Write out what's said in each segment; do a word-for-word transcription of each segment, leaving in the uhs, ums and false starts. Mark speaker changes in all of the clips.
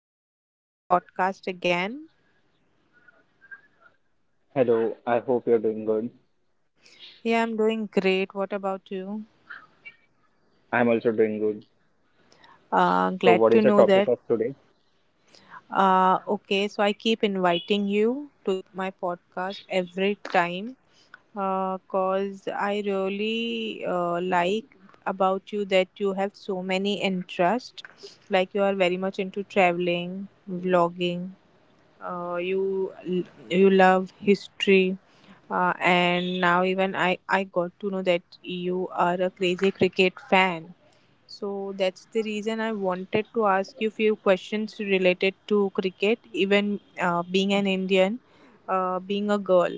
Speaker 1: welcome to my podcast again.
Speaker 2: Hello, I hope you're doing good.
Speaker 1: Yeah, I'm doing great. What about you?
Speaker 2: I'm also doing good.
Speaker 1: Uh,
Speaker 2: So,
Speaker 1: glad
Speaker 2: what
Speaker 1: to
Speaker 2: is the
Speaker 1: know
Speaker 2: topic
Speaker 1: that.
Speaker 2: of today?
Speaker 1: Uh, okay, so I keep inviting you to my podcast every time because I really uh, like about you that you have so many interests. Like you are very much into traveling, vlogging, uh, you you love history, uh, and now even I, I got to know that you are a crazy cricket fan, so that's the reason I wanted to ask you few questions related to cricket. Even uh, being an Indian, uh, being a girl,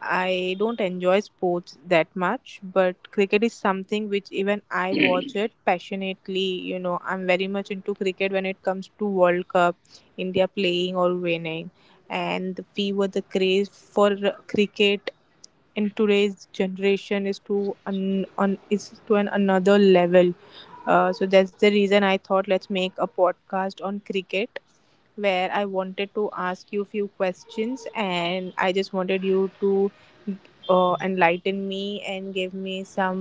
Speaker 1: I don't enjoy sports that much, but cricket is something which even I watch it passionately. You know, I'm very much into cricket when it comes to World Cup, India playing or winning, and the fever, the craze for cricket in today's generation is to an, on is to an another level, uh, so that's the reason I thought let's make a podcast on cricket where I wanted to ask you few questions and I just wanted you to uh, enlighten me and give me some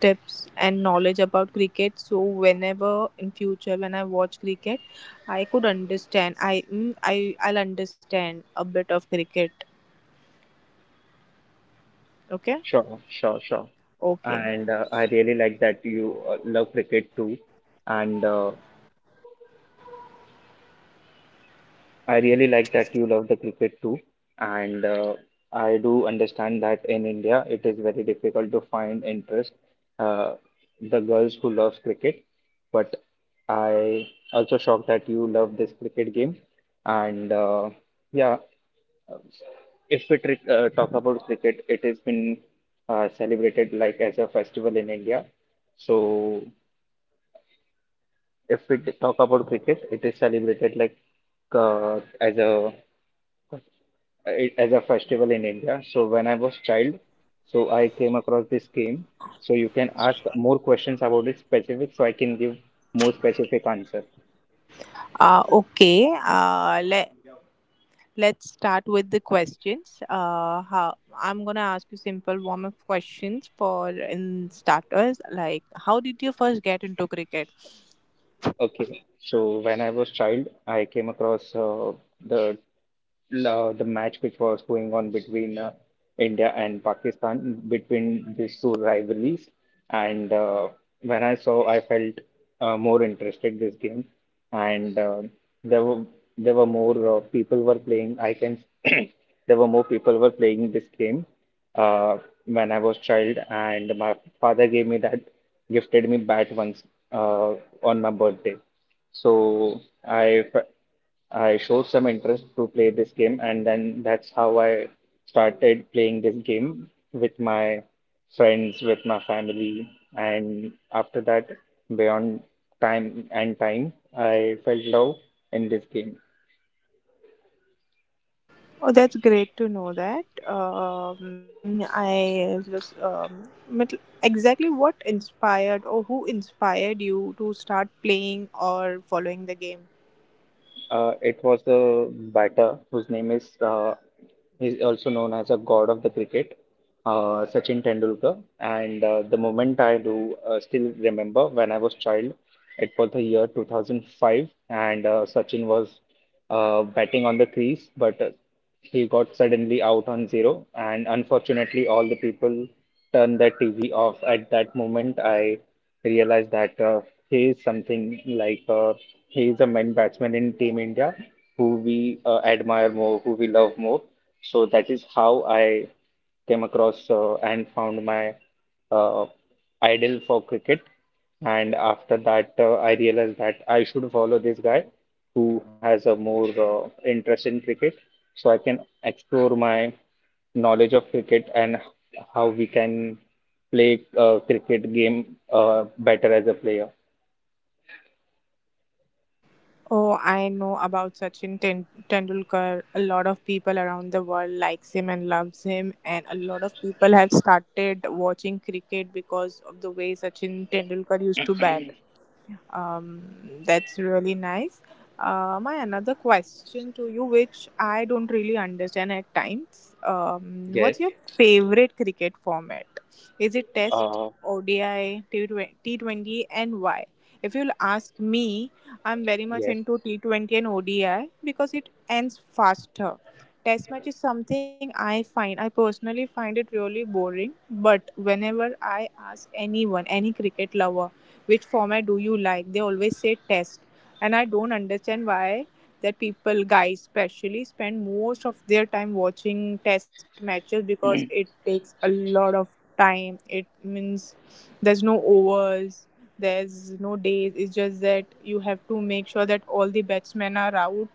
Speaker 1: tips and knowledge about cricket so whenever in future when I watch cricket I could understand I mm, I I'll understand a bit of cricket. Okay.
Speaker 2: Sure, sure, sure.
Speaker 1: Okay.
Speaker 2: And uh, I really like that you uh, love cricket too. And uh, I really like that you love the cricket too. And uh, I do understand that in India, it is very difficult to find interest, uh, the girls who loves cricket. But I also shocked that you love this cricket game. And uh, yeah. Um, If we tri- uh, talk about cricket, it has been uh, celebrated like as a festival in India. So if we t- talk about cricket, it is celebrated like uh, as a it- as a festival in India. So when I was child, so I came across this game. So you can ask more questions about it specific, so I can give more specific answer.
Speaker 1: uh okay uh le- Let's start with the questions. Uh, how, I'm gonna ask you simple warm up questions for in starters. Like, how did you first get into cricket?
Speaker 2: Okay, so when I was child, I came across uh, the la- the match which was going on between uh, India and Pakistan, between these two rivalries. And uh, when I saw, I felt uh, more interested this game, and uh, there were there were more uh, people were playing. I can there were more people were playing this game uh, when I was child, and my father gave me that gifted me bat once uh, on my birthday. So I fe- I showed some interest to play this game, and then that's how I started playing this game with my friends, with my family, and after that, beyond time and time, I fell in love in this game.
Speaker 1: Oh, that's great to know that. Um, I just um, but Exactly what inspired or who inspired you to start playing or following the game?
Speaker 2: Uh, it was the batter whose name is uh, he's also known as a god of the cricket, uh, Sachin Tendulkar. And uh, the moment I do uh, still remember when I was child, it was the year two thousand five, and uh, Sachin was uh, batting on the crease, but uh, he got suddenly out on zero, and unfortunately, all the people turned their T V off. At that moment, I realized that uh, he is something like uh, he is a main batsman in Team India who we uh, admire more, who we love more. So that is how I came across uh, and found my uh, idol for cricket. And after that, uh, I realized that I should follow this guy who has a more uh, interest in cricket. So I can explore my knowledge of cricket and how we can play a cricket game uh, better as a player.
Speaker 1: Oh, I know about Sachin Ten- Tendulkar. A lot of people around the world likes him and loves him, and a lot of people have started watching cricket because of the way Sachin Tendulkar used to bat. Um, that's really nice. Uh, my another question to you, which I don't really understand at times. Um, what's
Speaker 2: Yes.
Speaker 1: your favorite cricket format? Is it Test,
Speaker 2: Uh,
Speaker 1: O D I, T twenty, and why? If you'll ask me, I'm very much
Speaker 2: yes.
Speaker 1: into T twenty and O D I because it ends faster. Test match is something I find, I personally find it really boring. But whenever I ask anyone, any cricket lover, which format do you like? They always say test. And I don't understand why that people, guys especially, spend most of their time watching test matches because it takes a lot of time. It means there's no overs, there's no days. It's just that you have to make sure that all the batsmen are out.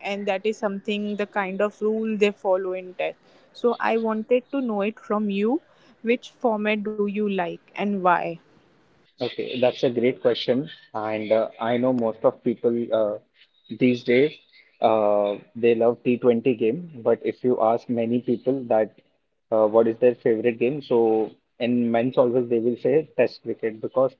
Speaker 1: And that is something, the kind of rule they follow in test. So I wanted to know it from you. Which format do you like and why?
Speaker 2: Okay, that's a great question. And uh, I know most of people uh, these days uh, they love T twenty game, but if you ask many people that uh, what is their favorite game, so in men's always they will say Test cricket because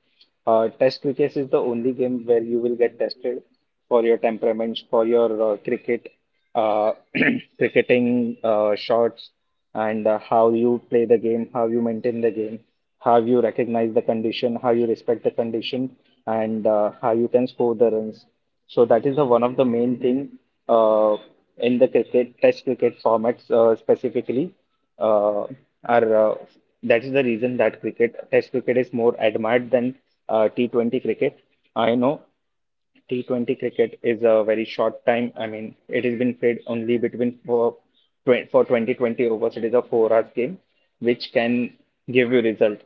Speaker 2: uh, Test cricket is the only game where you will get tested for your temperaments, for your uh, cricket uh, cricketing uh, shots and uh, how you play the game, how you maintain the game, how you recognize the condition, how you respect the condition, and uh, how you can score the runs. So that is the one of the main thing uh, in the cricket test cricket formats uh, specifically uh, are uh, that is the reason that cricket test cricket is more admired than uh, T twenty cricket. I know T twenty cricket is a very short time. I mean, it has been played only between for twen- for twenty twenty overs. It is a four hours game, which can give you result.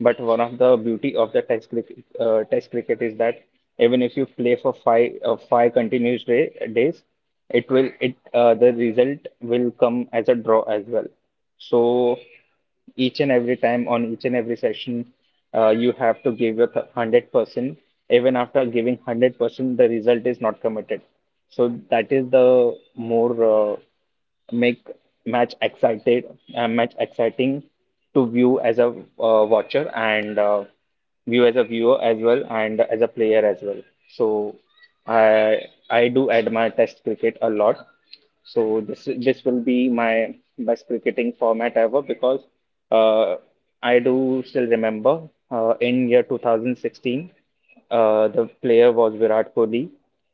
Speaker 2: But one of the beauty of the test cricket, uh, test cricket is that even if you play for five uh, five continuous day, days, it will it uh, the result will come as a draw as well. So each and every time on each and every session, uh, you have to give your one hundred percent even after giving one hundred percent the result is not committed. So that is the more uh, make match excited, uh, match exciting to view as a uh, watcher and uh, view as a viewer as well and as a player as well. So i i do admire test cricket a lot, so this this will be my best cricketing format ever because uh, I do still remember uh, in year two thousand sixteen, uh, the player was Virat Kohli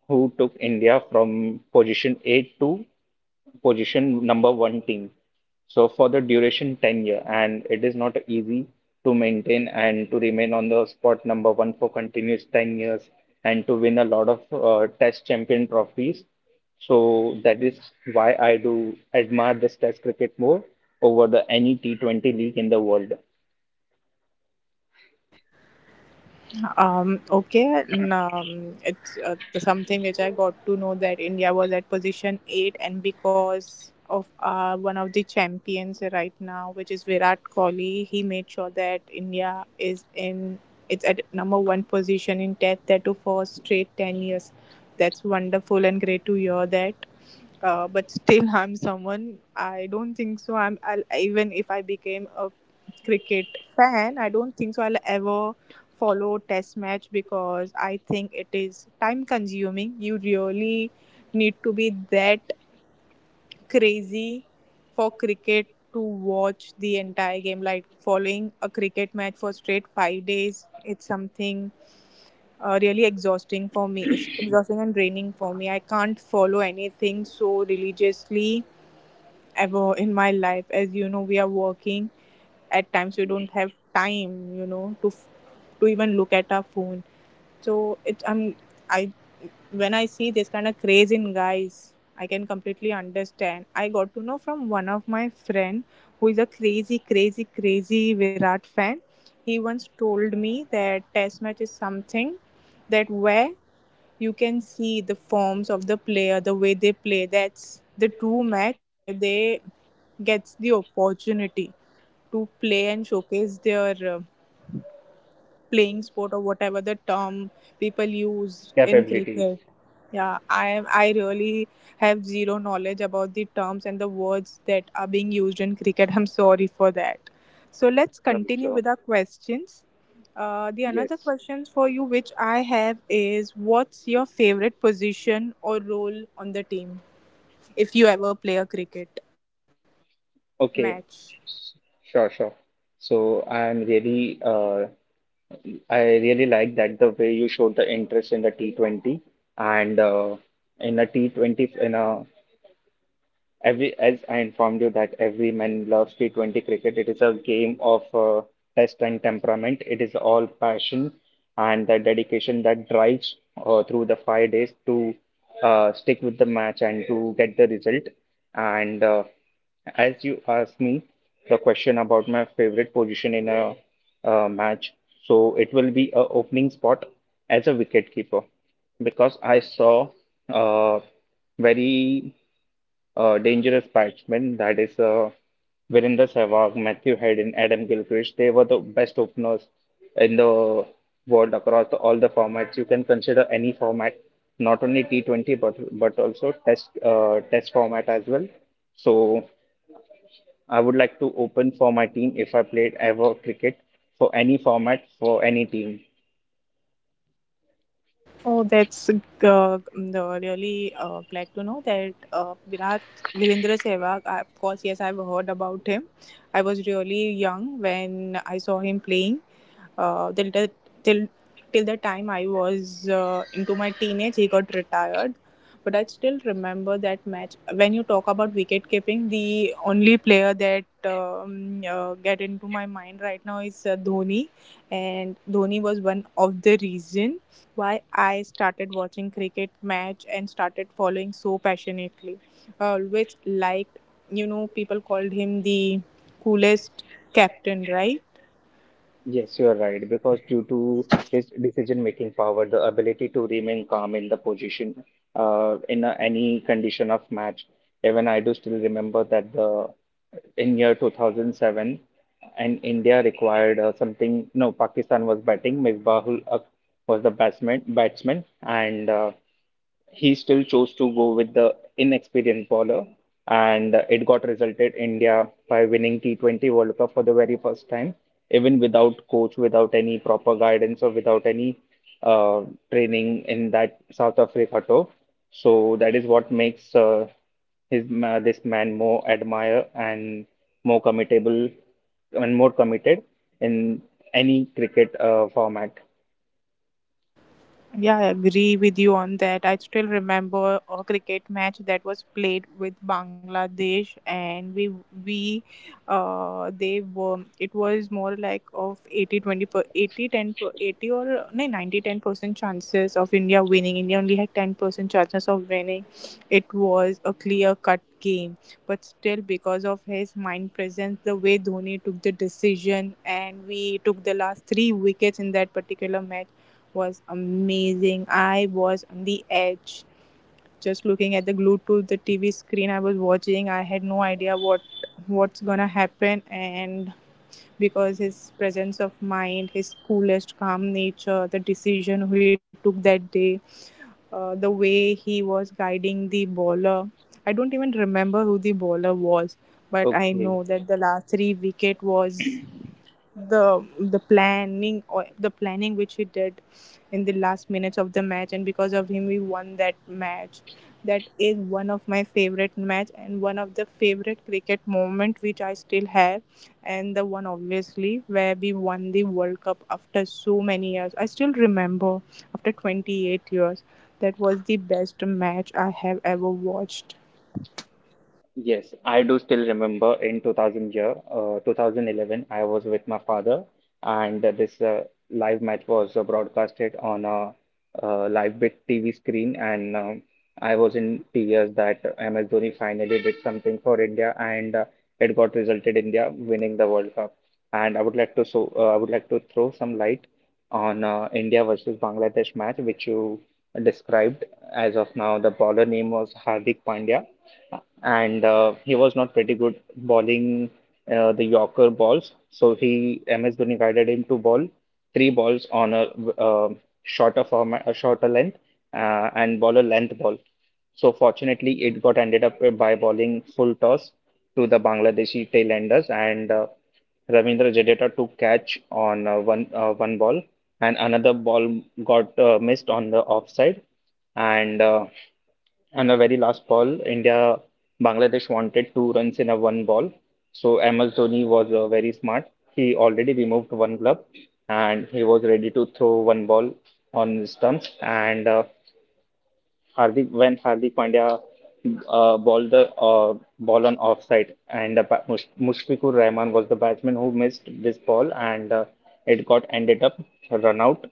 Speaker 2: who took India from position eight to position number one team. So for the duration, ten year, and it is not easy to maintain and to remain on the spot number one for continuous ten years and to win a lot of uh, test champion trophies. So that is why I do admire this test cricket more over the any T twenty league in the world
Speaker 1: Um, okay, and, um, it's uh, Something which I got to know that India was at position eight, and because of uh, one of the champions right now, which is Virat Kohli, he made sure that India is in it's at number one position in Test that to for straight ten years. That's wonderful and great to hear that. Uh, but still, I'm someone. I don't think so. I'm I'll, even if I became a cricket fan, I don't think so. I'll ever follow test match because I think it is time consuming. You really need to be that crazy for cricket to watch the entire game. Like following a cricket match for straight five days, it's something uh, really exhausting for me. It's exhausting and draining for me. I can't follow anything so religiously ever in my life. As you know, we are working. At times, we don't have time, you know, to f- to even look at our phone. So it I'm I When I see this kind of craze in guys, I can completely understand. I got to know from one of my friend who is a crazy, crazy, crazy Virat fan. He once told me that test match is something that where you can see the forms of the player, the way they play. That's the true match where they gets the opportunity to play and showcase their uh, playing sport or whatever the term people use in cricket.
Speaker 2: capabilities.
Speaker 1: Yeah, I am. I really have zero knowledge about the terms and the words that are being used in cricket. I'm sorry for that. So let's continue with our questions. Uh, the another questions for you which I have is, what's your favorite position or role on the team if you ever play a cricket match?
Speaker 2: Okay, S- sure, sure. So I'm really, uh, I really like that the way you showed the interest in the T twenty and uh, in a T twenty in a every, as I informed you that every man loves T twenty cricket. It is a game of uh, test and temperament. It is all passion and the dedication that drives uh, through the five days to uh, stick with the match and to get the result. And uh, as you asked me the question about my favorite position in a uh, match, so it will be a opening spot as a wicketkeeper because I saw uh, very uh, dangerous batsmen, that is uh, Virendra Sehwag, Matthew Head, and Adam Gilchrist. They were the best openers in the world across the- all the formats. You can consider any format, not only T twenty but but also test uh, test format as well. So I would like to open for my team if I played ever cricket for any format for any team.
Speaker 1: Oh, that's uh, um, the really uh, Glad to know that uh, Virat Virendra Sehwag. I, of course, yes, I've heard about him. I was really young when I saw him playing, uh, till the till till the time I was uh, into my teenage, he got retired. But I still remember that match. When you talk about wicket keeping, the only player that um, uh, get into my mind right now is uh, Dhoni, and Dhoni was one of the reason why I started watching cricket match and started following so passionately. I always liked, you know, people called him the coolest captain, right?
Speaker 2: Yes, you are right, because due to his decision-making power, the ability to remain calm in the position, uh, in a, any condition of match. Even I do still remember that the in year two thousand seven, and India required uh, something. No, Pakistan was batting. Misbahul Haq was the batsman, batsman, and uh, he still chose to go with the inexperienced bowler, and it got resulted India by winning T twenty World Cup for the very first time, even without coach, without any proper guidance, or without any uh, training in that South Africa tour. So that is what makes uh, his ma- this man more admire and more committable and more committed in any cricket uh, format.
Speaker 1: Yeah, I agree with you on that. I still remember a cricket match that was played with Bangladesh, and we we uh they were it was more like of eighty twenty per eighty ten per eighty or no ninety ten percent chances of India winning. India only had ten percent chances of winning. It was a clear cut game, but still because of his mind presence, the way Dhoni took the decision, and we took the last three wickets in that particular match was amazing. I was on the edge, just looking at the, glued to the T V screen I was watching. I had no idea what what's going to happen, and because his presence of mind, his coolest calm nature, the decision he took that day, uh, the way he was guiding the bowler. I don't even remember who the bowler was, but I
Speaker 2: Okay.
Speaker 1: know that the last three wicket was the the planning, or the planning which he did in the last minutes of the match, and because of him we won that match. That is one of my favorite match and one of the favorite cricket moment which I still have, and the one obviously where we won the World Cup after so many years. I still remember after twenty-eight years, that was the best match I have ever watched.
Speaker 2: Yes, I do still remember in two thousand year, uh, two thousand eleven, I was with my father, and this uh, live match was uh, broadcasted on a, uh live big T V screen, and um, I was in tears that M S Dhoni finally did something for India, and uh, it got resulted India winning the World Cup. And I would like to so uh, I would like to throw some light on uh, India versus Bangladesh match, which you described as of now. The bowler name was Hardik Pandya, and uh, he was not pretty good bowling uh, the Yorker balls. So he M S Dhoni guided him to bowl three balls on a uh, shorter format, a shorter length, uh, and bowler length ball. So fortunately, it got ended up by bowling full toss to the Bangladeshi tailenders, and uh, Ravindra Jadeja took catch on uh, one uh, one ball, and another ball got uh, missed on the offside. And uh, on the very last ball, India Bangladesh wanted two runs in a one ball. So M S Dhoni was uh, very smart. He already removed one glove, and he was ready to throw one ball on the stumps. And uh, Hardik when Hardik Pandya uh, bowled the uh, ball on offside, and uh, Ba- Mush- Mushfiqur Rahman was the batsman who missed this ball, and uh, it got ended up run out,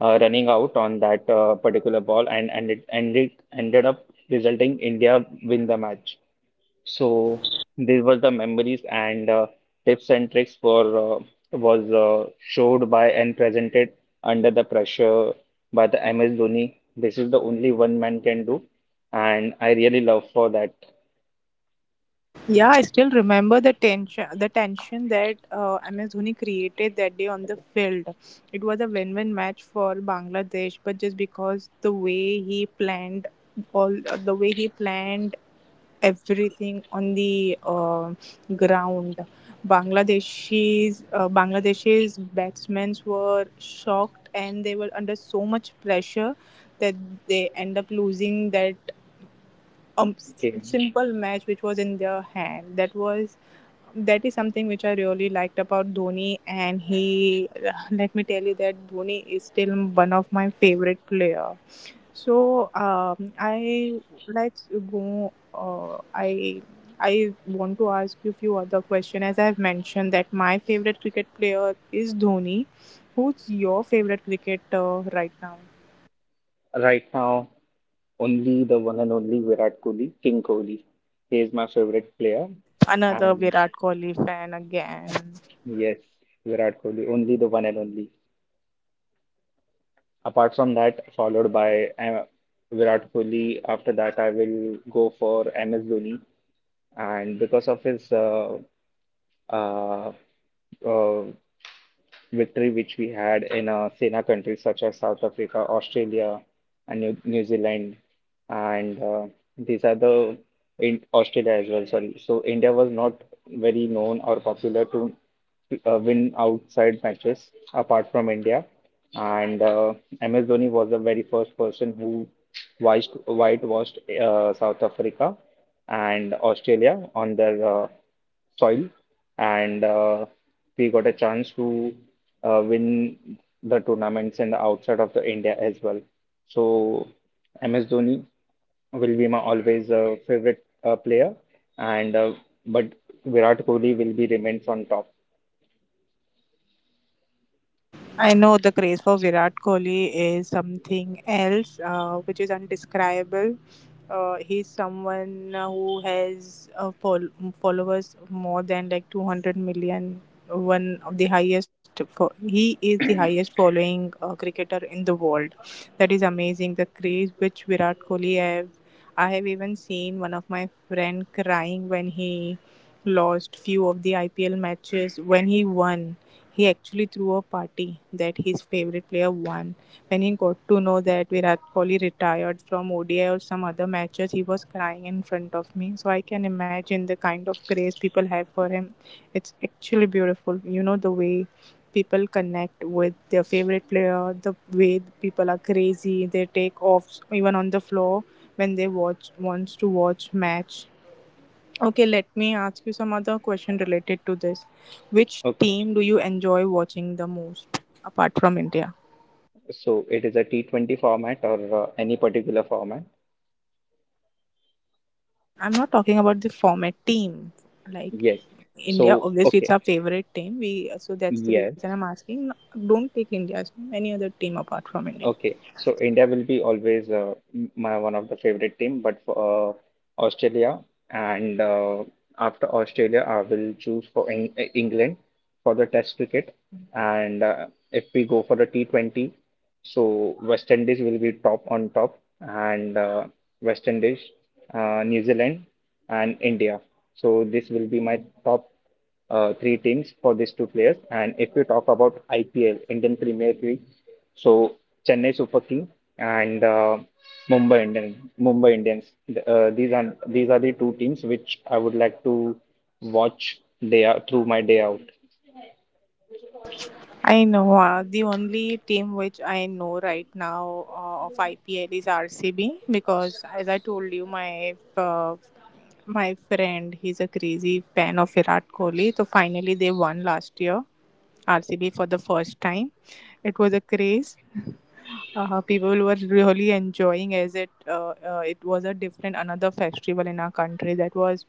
Speaker 2: uh, running out on that uh, particular ball, and and it ended ended up resulting India win the match. So these were the memories and uh, tips and tricks for uh, was uh, showed by and presented under the pressure by the M S Dhoni. This is the only one man can do, and I really love for that
Speaker 1: Yeah, I still remember the tension, the tension that uh, M S Dhoni created that day on the field. It was a win-win match for Bangladesh, but just because the way he planned all, uh, the way he planned everything on the uh, ground, Bangladeshi's uh, Bangladeshi's batsmen were shocked and they were under so much pressure that they end up losing that a s-
Speaker 2: game.
Speaker 1: simple match which was in their hand. That was that is something which I really liked about Dhoni, and he let me tell you that Dhoni is still one of my favorite player. So um, I Let's go. Uh, I I want to ask you a few other questions. As I've mentioned, that my favorite cricket player is Dhoni. Who's your favorite cricketer right now?
Speaker 2: Right now, only the one and only Virat Kohli, King Kohli. He is my favorite player,
Speaker 1: Another
Speaker 2: and
Speaker 1: Virat Kohli fan again.
Speaker 2: yes, Virat Kohli, only the one and only. Apart from that, followed by uh, Virat Kohli. After that, I will go for M S Dhoni, and because of his uh, uh, uh, victory which we had in uh, Sena countries such as South Africa, Australia, and New, New Zealand. And uh, these are the in Australia as well, sorry. So India was not very known or popular to uh, win outside matches apart from India. And uh, M S Dhoni was the very first person who white whitewashed uh, South Africa and Australia on their uh, soil, and uh, we got a chance to uh, win the tournaments in the outside of the India as well. So M S Dhoni will be my always uh, favorite uh, player and uh, but Virat Kohli will be remains on top.
Speaker 1: I know the craze for Virat Kohli is something else, uh, which is undescribable. Uh, he's someone who has uh, fol- followers more than like two hundred million. One of the highest, fo- he is the highest following uh, cricketer in the world. That is amazing. The craze which Virat Kohli have. I have even seen one of my friend crying when he lost few of the I P L matches. When he won, he actually threw a party that his favorite player won. When he got to know that Virat Kohli retired from O D I or some other matches, he was crying in front of me. So I can imagine the kind of craze people have for him. It's actually beautiful. You know, the way people connect with their favorite player, the way people are crazy, they take off even on the floor when they watch wants to watch match. Okay, let me ask you some other question related to this. Which
Speaker 2: Okay,
Speaker 1: team do you enjoy watching the most apart from India?
Speaker 2: so it is a T twenty format or uh, any particular format?
Speaker 1: I'm not talking about the format team. Like
Speaker 2: Yes.
Speaker 1: India,
Speaker 2: So
Speaker 1: obviously it's
Speaker 2: okay,
Speaker 1: our favorite team. We, so that's the
Speaker 2: yes.
Speaker 1: reason I'm asking. No, don't take India's team, any other team apart from India.
Speaker 2: Okay, so India will be always uh, m- my one of the favorite team, but for uh, Australia, and uh, after Australia, I will choose for Eng England for the Test cricket, and uh, if we go for the T twenty, so West Indies will be top on top, and uh, West Indies, uh, New Zealand, and India. So this will be my top uh, three teams for these two players. And if we talk about I P L, Indian Premier League, so Chennai Super King and uh, Mumbai Indian, Mumbai Indians. Th- Uh, these are these are the two teams which I would like to watch day out, through my day out.
Speaker 1: I know uh, the only team which I know right now uh, of I P L is R C B because, as I told you, my uh, my friend, he's a crazy fan of Virat Kohli. So finally, they won last year, R C B for the first time. It was a craze. Uh, people were really enjoying as it uh, uh, it was a different another festival in our country. That was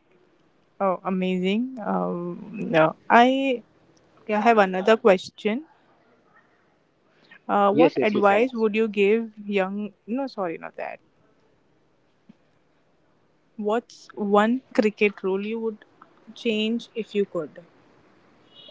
Speaker 1: uh, amazing. Um, yeah. I I have another question. Uh,
Speaker 2: Yes,
Speaker 1: what
Speaker 2: yes, you can
Speaker 1: advice
Speaker 2: ask.
Speaker 1: would you give young? No, sorry, not that. What's one cricket rule you would change if you could?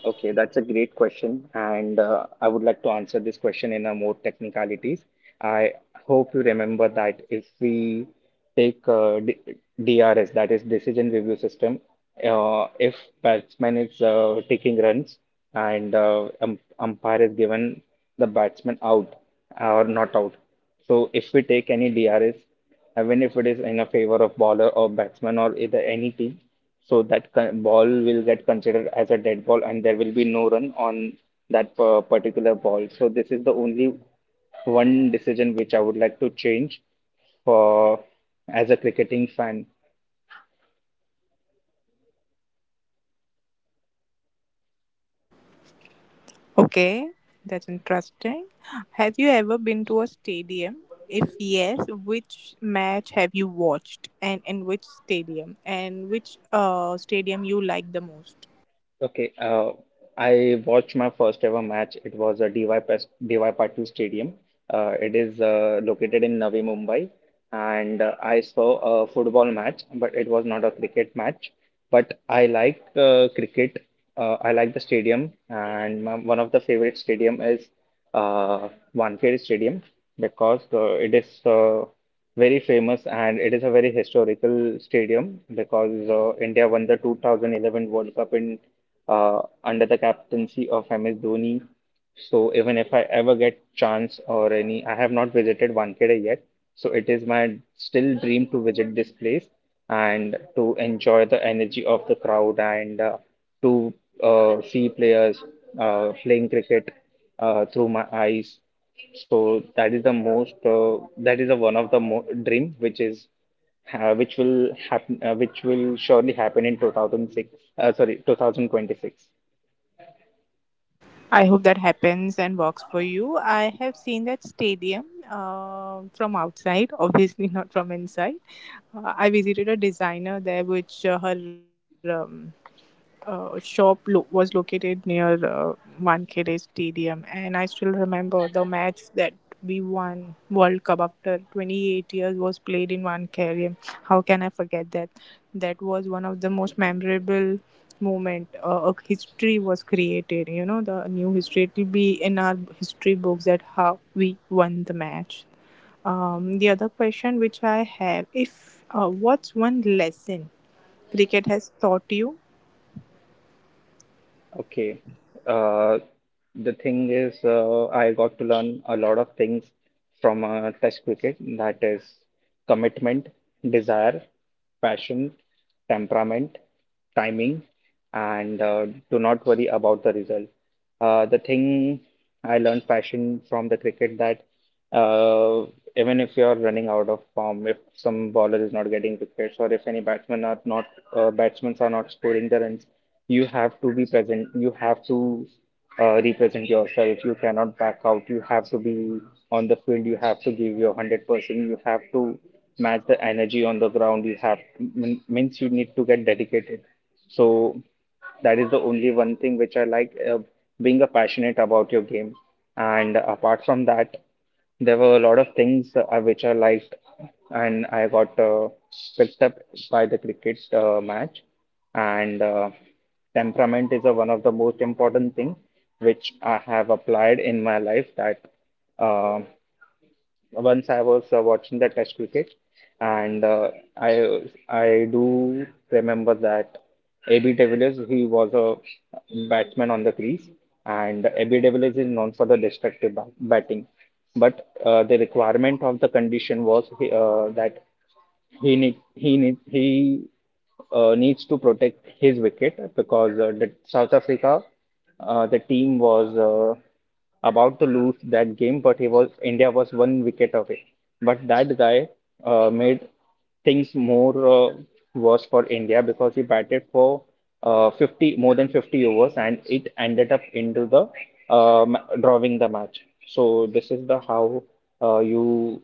Speaker 2: Okay, that's a great question, and uh, I would like to answer this question in a more technicalities. I hope you remember that if we take uh, D DRS, that is decision review system. Uh, if batsman is uh, taking runs and uh, um, umpire is given the batsman out or not out. So if we take any D R S, even if it is in a favor of bowler or batsman or either any team, so that con- ball will get considered as a dead ball, and there will be no run on that per- particular ball. So this is the only one decision which I would like to change for as a cricketing fan.
Speaker 1: Okay, that's interesting. Have you ever been to a stadium? If yes, which match have you watched and in which stadium, and which uh, stadium you like the most?
Speaker 2: Okay, uh, I watched my first ever match. It was a D Y Pas- D Y Patil Stadium. Uh, it is uh, located in Navi Mumbai, and uh, I saw a football match, but it was not a cricket match. But I like uh, cricket. Uh, I like the stadium, and my, one of the favorite stadium is uh, Wankhede Stadium because uh, it is uh, very famous and it is a very historical stadium because uh, India won the two thousand eleven World Cup in uh, under the captaincy of M S Dhoni. So even if I ever get chance or any, I have not visited Wankhede yet. So it is my still dream to visit this place and to enjoy the energy of the crowd and uh, to uh, see players uh, playing cricket uh, through my eyes. So that is the most uh, that is the one of the mo dream which is uh, which will happen uh, which will surely happen in two thousand six uh, sorry two thousand twenty-six.
Speaker 1: I hope that happens and works for you. I have seen that stadium uh, from outside, obviously not from inside. Uh, I visited a designer there, which uh, her um, uh, shop lo- was located near uh, Wankhede Stadium, and I still remember the match that we won World Cup after twenty-eight years was played in Wankhede. How can I forget that? That was one of the most memorable moment. Uh, a history was created. You know, the new history. It will be in our history books that how we won the match. Um, the other question which I have, if uh, What's one lesson cricket has taught you?
Speaker 2: Okay. Uh, the thing is, uh, I got to learn a lot of things from uh, Test cricket. That is commitment, desire, passion, temperament, timing, and uh, do not worry about the result. Uh, the thing I learned passion from the cricket that. Uh, Even if you're running out of form, if some bowler is not getting wickets, or if any batsmen are not uh, batsmen are not scoring the runs, you have to be present. You have to uh, represent yourself. You cannot back out. You have to be on the field. You have to give your hundred percent. You have to match the energy on the ground. You have mean- means you need to get dedicated. So that is the only one thing which I like, uh, being a passionate about your game. And apart from that, there were a lot of things uh, which I liked, and I got uh, picked up by the cricket uh, match. And uh, temperament is uh, one of the most important thing which I have applied in my life. That uh, once I was uh, watching the Test cricket, and uh, I I do remember that A B de Villiers he was a batsman on the crease, and A B de Villiers is known for the destructive bat- batting. But uh, the requirement of the condition was uh, that. He need, he need, he uh, needs to protect his wicket because uh, the South Africa, uh, the team was uh, about to lose that game, but he was India was one wicket away. But that guy uh, made things more uh, worse for India because he batted for uh, fifty more than fifty overs and it ended up into the um, drawing the match. So this is the how uh, you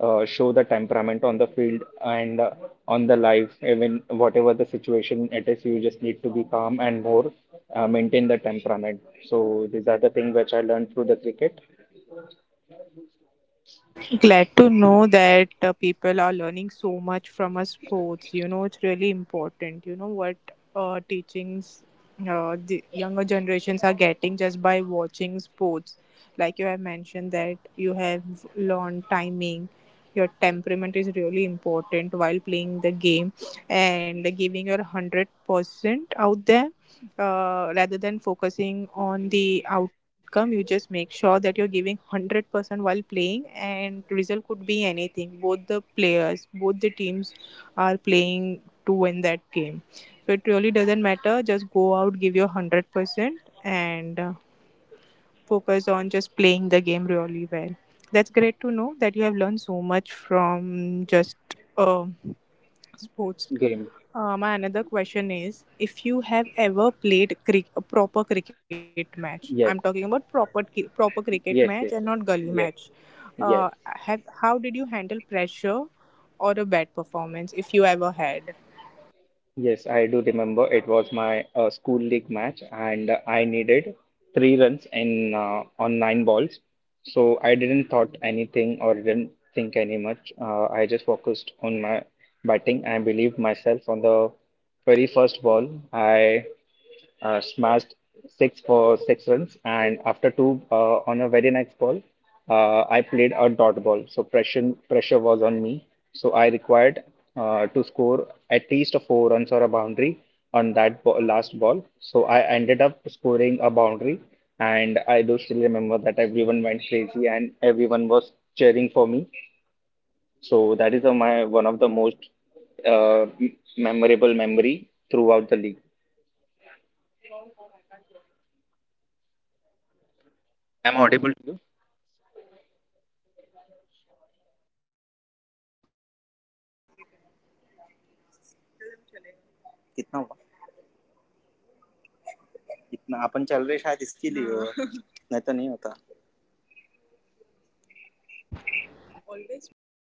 Speaker 2: uh, show the temperament on the field and uh, on the live, even whatever the situation it is, you just need to be calm and more, uh, maintain the temperament. So these are the things which I learned through the cricket
Speaker 1: Glad to know that uh, people are learning so much from our sports. You know, it's really important. You know what uh, Teachings uh, the younger generations are getting just by watching sports. Like you have mentioned that you have learned timing. Your temperament is really important while playing the game and giving your hundred percent out there, uh, rather than focusing on the outcome. You just make sure that you're giving one hundred percent while playing, and result could be anything. Both the players, both the teams are playing to win that game, so it really doesn't matter. Just go out, give your one hundred percent, and uh, focus on just playing the game really well. That's great to know that you have learned so much from just uh, sports.
Speaker 2: game.
Speaker 1: Uh, my another question is, if you have ever played crick a proper cricket match, I'm talking
Speaker 2: yes
Speaker 1: about proper ki- proper cricket match
Speaker 2: yes
Speaker 1: and
Speaker 2: yes
Speaker 1: not gully
Speaker 2: yes
Speaker 1: match, uh,
Speaker 2: yes
Speaker 1: have how did you handle pressure or a bad performance if you ever had?
Speaker 2: Yes, I do remember. It was my uh, school league match, and I needed three runs in uh, on nine balls. So I didn't thought anything or didn't think any much. Uh, I just focused on my batting. I believed myself. On the very first ball, I uh, smashed six for six runs, and after two uh, on a very next ball, uh, I played a dot ball. So pressure pressure was on me. So I required uh, to score at least a four runs or a boundary on that ball, last ball. So I ended up scoring a boundary, and I do still remember that everyone went crazy and everyone was cheering for me. So that is uh, my one of the most uh, m- memorable memory throughout the league. I'm audible to you. कितना हुआ? इतना अपन चल रहे शायद इसके लिए हुआ। नहीं तो नहीं होता।
Speaker 1: It's